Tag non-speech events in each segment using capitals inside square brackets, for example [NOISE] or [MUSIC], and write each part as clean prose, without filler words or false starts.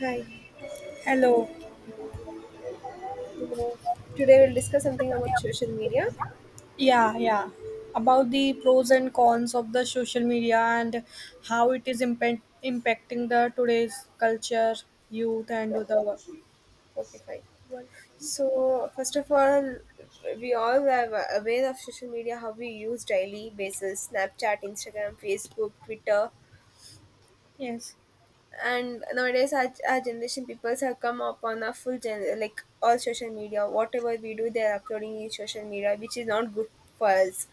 Hi. Hello. Uh, Today we'll discuss something about social media. Yeah, yeah. About the pros and cons of the social media, and how it is impacting the today's culture, youth, and Yeah. the Okay, fine. world. So first of all, we all are aware of social media, how we use daily basis, Snapchat, Instagram, Facebook, Twitter, Yes. and nowadays our generation peoples have come upon a full gen like all social media. Whatever we do, they are uploading in social media, which is not good for us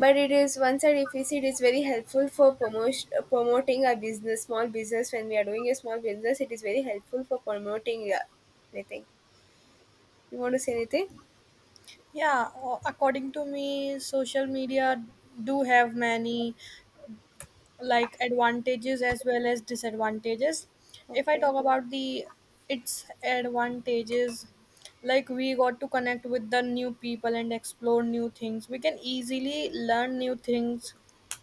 but it is one side. If we see, it is very helpful for promotion, promoting a business small business when we are doing a small business it is very helpful for promoting anything you want to say anything. Yeah. According to me, social media do have many like advantages as well as disadvantages. If I Okay. talk about the its advantages, like we got to connect with the new people and explore new things. We can easily learn new things.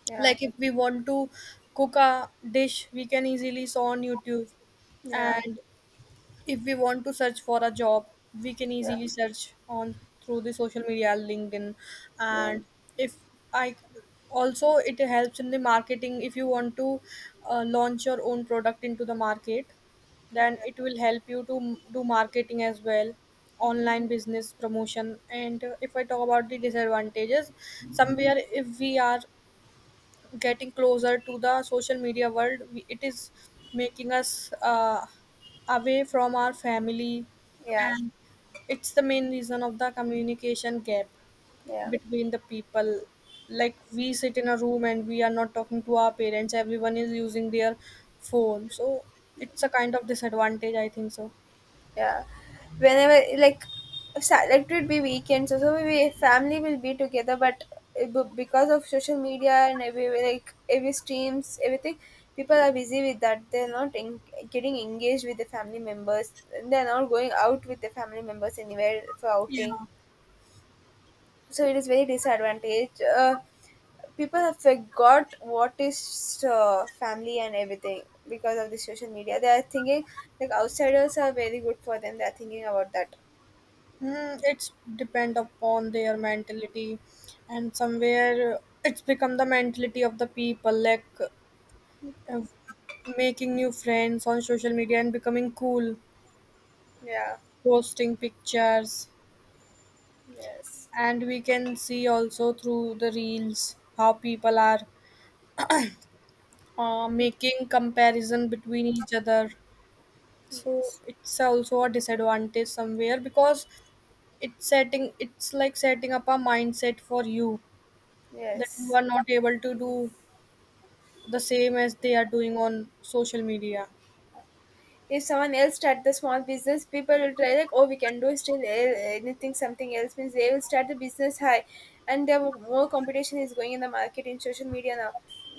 Yeah, Like if we want to cook a dish, we can easily saw on YouTube. Mm. yeah, And if we want to search for a job, we can yeah, easily search on through the social media, LinkedIn. yeah, And if I also it helps in the marketing. If you want to launch your own product into the market, then yeah, it will help you to do marketing as well, online business promotion. And if I talk about the disadvantages, somewhere if we are getting closer to the social media world. It is making us away from our family, yeah. and it's the main reason of the communication gap Yeah. between the people. Like we sit in a room and we are not talking to our parents. Everyone is using their phone, so it's a kind of disadvantage, I think so. Yeah, whenever like like it would be weekends, so family will be together but because of social media and every like every streams everything people are busy with that they're not en- getting engaged with the family members, they're not going out with the family members anywhere for Yeah, outing. So it is very disadvantage, people have forgot what is family and everything because of the social media. They are thinking like outsiders are very good for them, they are thinking about that. It's depend upon their mentality, and somewhere it's become the mentality of the people. Like of making new friends on social media and becoming cool, Yeah. posting pictures, Yes. and we can see also through the reels how people are making comparison between each other. So Yes, it's also a disadvantage somewhere because it's like setting up a mindset for you that you yes. are not able to do the same as they are doing on social media. If someone else start the small business people will try like, oh, we can do still anything something else, means they will start the business high and there were more competition is going in the market in social media now.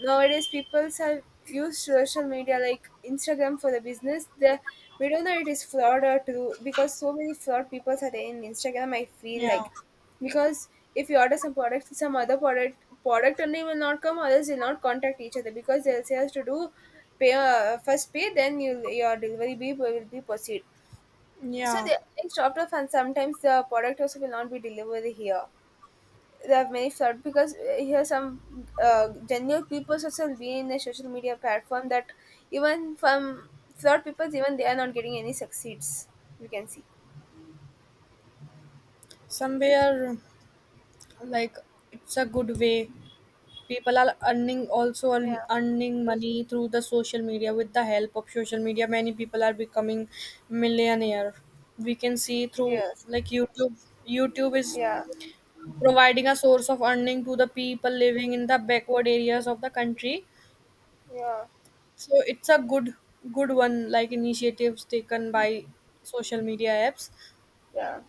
Nowadays people have used social media like Instagram for the business. The we don't know it is flawed or true because so many flawed people are there in Instagram, I feel Yeah, like. Because if you order some product, some other product, product only will not come, others will not contact each other because they'll say us to do pay, first pay then you your delivery be will be proceed. So yeah. They stopped off and sometimes the product also will not be delivered here. There are many fraud because here some genuine people also will be in the social media platform. That even from fraud people, even they are not getting any succeeds, we can see. Somewhere like it's a good way, people are earning, also Yeah. Earning money through the social media. With the help of social media many people are becoming millionaire. We can see through Yes. like YouTube. YouTube is Yeah. providing a source of earning to the people living in the backward areas of the country. Yeah. So it's a good one, like initiatives taken by social media apps. Yeah.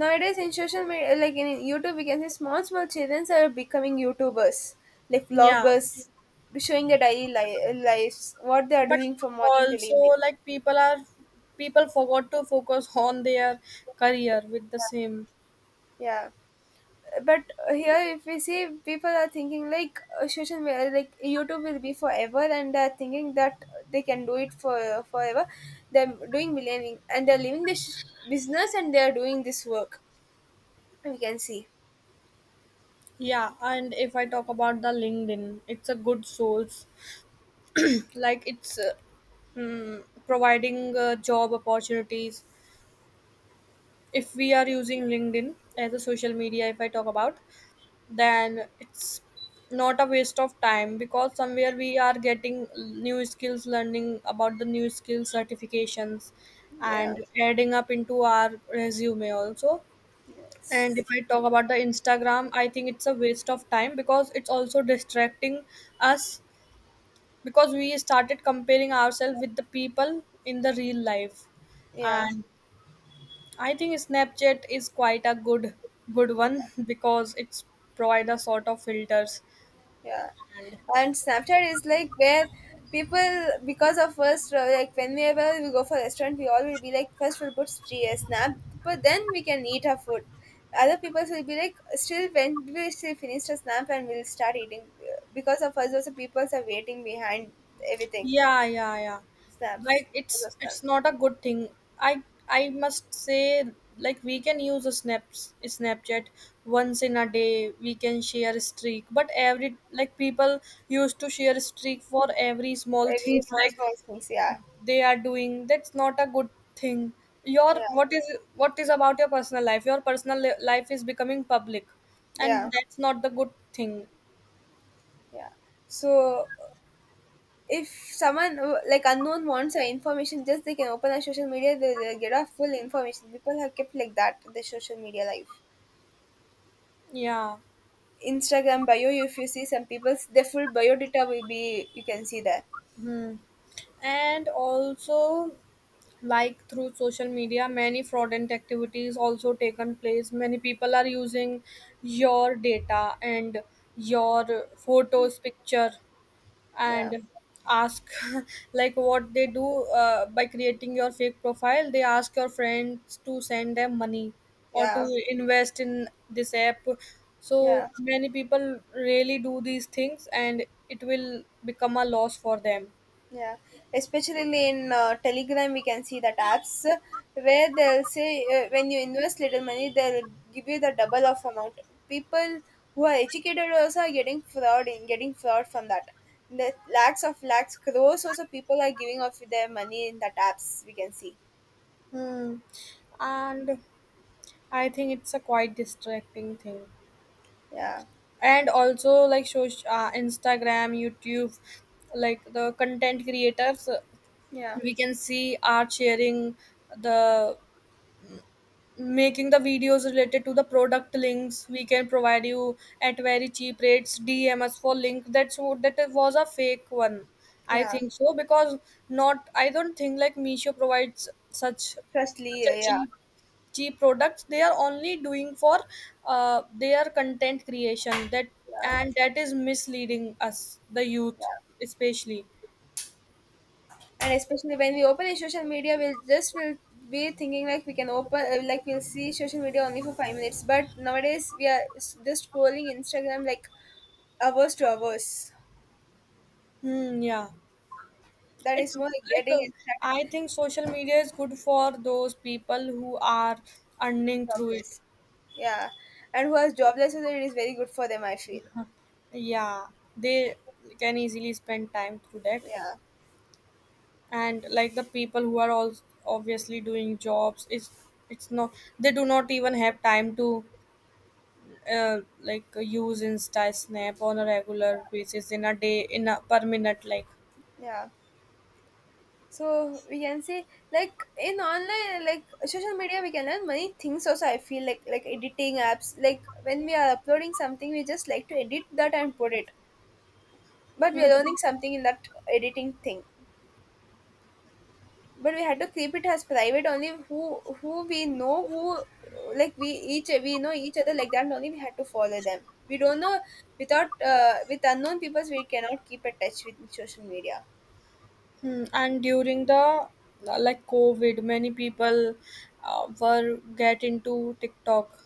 Nowadays in social media like in YouTube we can see small small children are becoming YouTubers, like Yeah, vloggers, showing their daily lives, what they are but doing from morning till also evening. like people forgot to focus on their career with the same. Yeah, but here if we see, people are thinking like social media like YouTube will be forever and they're thinking that they can do it for forever. They're doing millioning and they're leaving this business and they're doing this work, we can see. Yeah, and if I talk about the LinkedIn, it's a good source. Like it's providing job opportunities. If we are using LinkedIn as a social media, if I talk about, then it's not a waste of time because somewhere we are getting new skills, learning about the new skills, certifications, Yeah. and adding up into our resume also. And Yes. if I talk about the Instagram, I think it's a waste of time because it's also distracting us, because we started comparing ourselves with the people in the real life. Yeah. And I think Snapchat is quite a good one [LAUGHS] because it's provide a sort of filters. Yeah. And And Snapchat is like where people, because of first, like whenever we go for restaurant we all will be like, first we'll put snap but then we can eat our food. Other people will be like still when we still finish the snap and we'll start eating. Because of us also people are waiting behind everything. yeah, yeah, yeah, Snaps. like it's Because of it's snaps. not a good thing. I i must say, like we can use a snaps Snapchat once in a day. We can share a streak, but every like people used to share a streak for every small Every things [LAUGHS] small like small things, yeah. they are doing. That's not a good thing. Your Yeah. what is, what is about your personal life, your life is becoming public. And Yeah. that's not the good thing. Yeah. So if someone, like unknown wants our information, just they can open our social media, they they'll get our full information. People have kept like that their social media life. Yeah. Instagram bio, if you see some people's, their full bio data will be, you can see there. Hmm. And also like through social media many fraudulent activities also taken place. Many people are using your data and your photos picture, Yeah. and ask [LAUGHS] like what they do. By creating your fake profile they ask your friends to send them money or to Yeah. invest in this app. So Yeah. many people really do these things and it will become a loss for them. Yeah, especially in Telegram, we can see that apps where they'll say, when you invest little money, they'll give you the double of amount. People who are educated also are getting fraud in getting fraud from that. The lakhs of lakhs, crores also people are giving of their money in that apps, we can see. Hmm. And I think it's a quite distracting thing. Yeah, And also like Instagram, YouTube, like the content creators, yeah, we can see are sharing the, making the videos related to the product links. We can provide you at very cheap rates, DMs for link. That's what, that was a fake one, I yeah. think so, because not I don't think like Misho provides such Trustly, a yeah, cheap products. They are only doing for their content creation. That, yeah, and that is misleading us the youth yeah. especially. And especially when we open a social media, we'll just will be thinking like we can open, like we'll see social media only for 5 minutes, but nowadays we are just scrolling Instagram like hours to hours. Hmm, yeah. That is It's more like like getting I Instagram. think social media is good for those people who are earning through it. Jobless, yeah, and who has jobless, so that it is very good for them, I feel. Yeah, they can easily spend time through that. Yeah. And like the people who are all obviously doing jobs, it's not, they do not even have time to like use Insta Snap on a regular basis in a day in a per minute like. Yeah. So we can see like in online like social media we can learn many things also, I feel like. Like editing apps, like when we are uploading something we just like to edit that and put it, but we are learning something in that editing thing. But we had to keep it as private only, who we know, who like we each we know each other, like that only we had to follow them. We don't know, without with unknown people we cannot keep a touch with social media. Hmm, and during the like COVID, many people were get into TikTok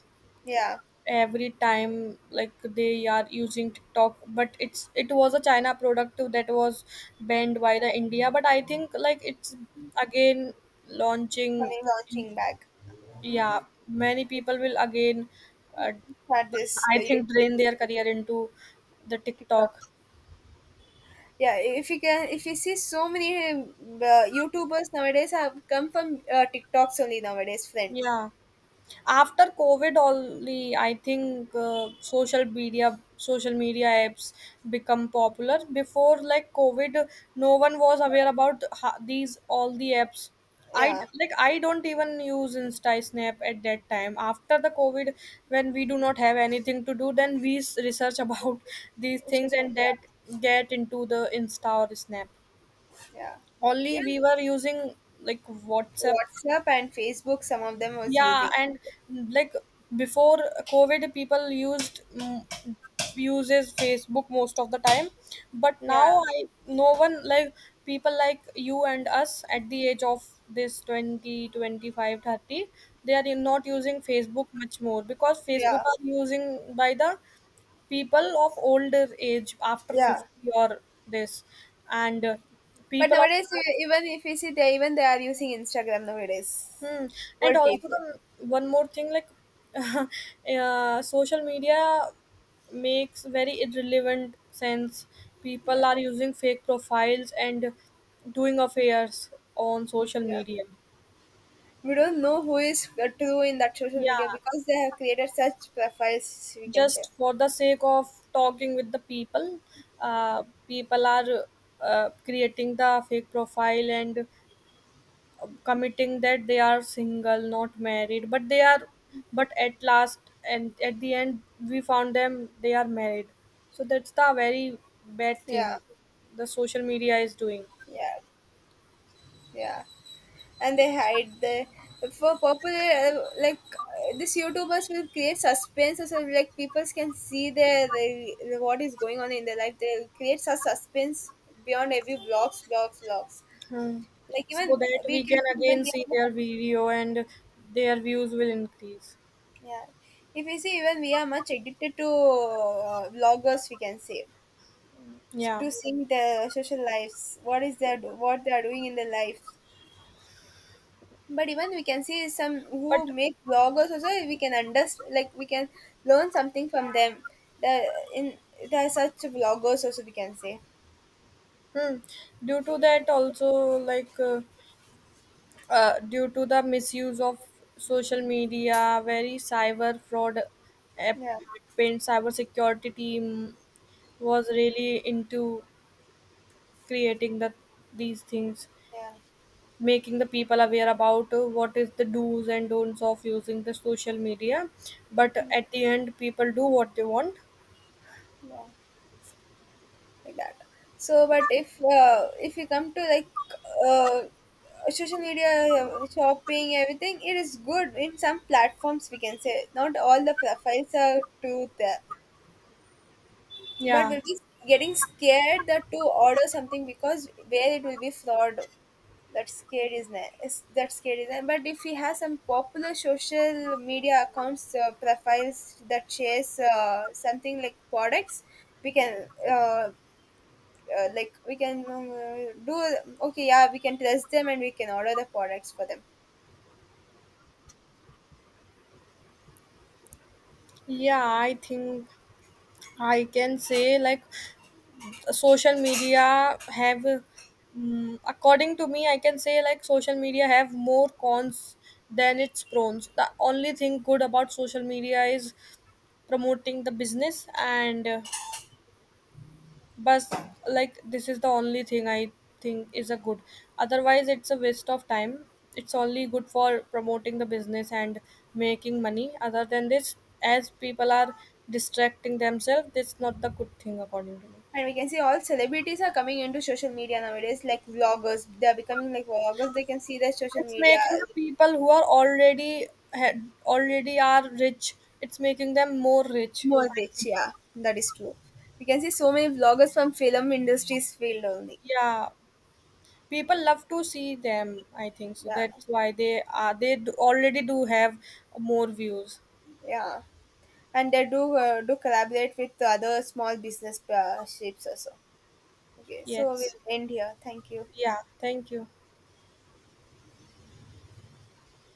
Yeah. every time. Like they are using TikTok, but it's, it was a China product that was banned by the India. But I think like it's again launching Coming in. launching back. Yeah, many people will again uh, At but this I the think YouTube. drain their career into the TikTok. TikTok. Yeah, if you can, if you see, so many YouTubers nowadays have come from TikToks only nowadays, friend. Yeah, after COVID only I think social media apps become popular. Before like COVID no one was aware about these all the apps. Yeah. Like I don't even use Insta Snap at that time. After the COVID when we do not have anything to do, then we research about [LAUGHS] these things, and Yeah, that, get into the Insta or Snap. yeah. Only Even we were using like WhatsApp. WhatsApp and Facebook, some of them was Yeah, using. and like before COVID people used uses Facebook most of the time. But now Yeah, I, no one, like people like you and us at the age of this 20, 25 30. They are not using Facebook much more because Facebook yeah, are using by the people of older age after yeah. 50, or this. And But people of. nowadays, even if you see, they even they are using Instagram nowadays. Hmm. And Old also people. the one more thing, like [LAUGHS] social media makes very irrelevant sense. People Yeah, are using fake profiles and doing affairs on social yeah. media. We don't know who is true in that social media Yeah, because they have created such profiles, we can say. just for the sake of talking with the people, people are creating the fake profile and committing that they are single not married. But they are, but at last, and at the end we found them they are married. So that's the very bad thing Yeah, the social media is doing. yeah. Yeah, and they hide the for popular, like this YouTubers will create suspense so like people can see their, the what is going on in their life. They create such suspense beyond every vlogs. Hmm. Like So even that we we can can see again even we see are their much, video and their views will increase. yeah. If you see even we are much addicted to vloggers, we can say, Yeah, to seeing their social lives, what is their what they are doing in their life. But even we can see some but who make bloggers also, we can understand, like we can learn something from them. The in there are such bloggers also, we can say. hmm, due to that also like due to the misuse of social media, very cyber fraud app Yeah, happened. Cyber security team was really into creating the these things, yeah, making the people aware about what is the do's and don'ts of using the social media. But at the end, people do what they want. yeah, like that. So, but if you come to like uh, social media shopping everything, it is good in some platforms, we can say. Not all the profiles are true there. But Yeah, we'll be getting scared that to order something because where it will be fraud. That scared is but if we have some popular social media accounts, profiles that shares something like products, we can, like we can, do okay. Yeah, we can trust them and we can order the products for them. yeah. I think I can say like social media have according to me I can say like social media have more cons than its pros. The only thing good about social media is promoting the business. And but like this is the only thing I think is a good. Otherwise it's a waste of time. It's only good for promoting the business and making money. Other than this, as people are distracting themselves, that's not the good thing according to me. And we can see all celebrities are coming into social media nowadays, like vloggers. They are becoming like vloggers. They can see their social It's media. making the people who are already had already are rich. It's making them more rich, More I rich, think. yeah, that is true. We can see so many vloggers from film industries field only. Yeah, people Yeah, love to see them, I think so. yeah, That's why they are. They do, already do have more views. yeah. And they do do collaborate with other small business shapes also. Okay, so Yes. we'll end here. Thank you. Yeah. Thank you.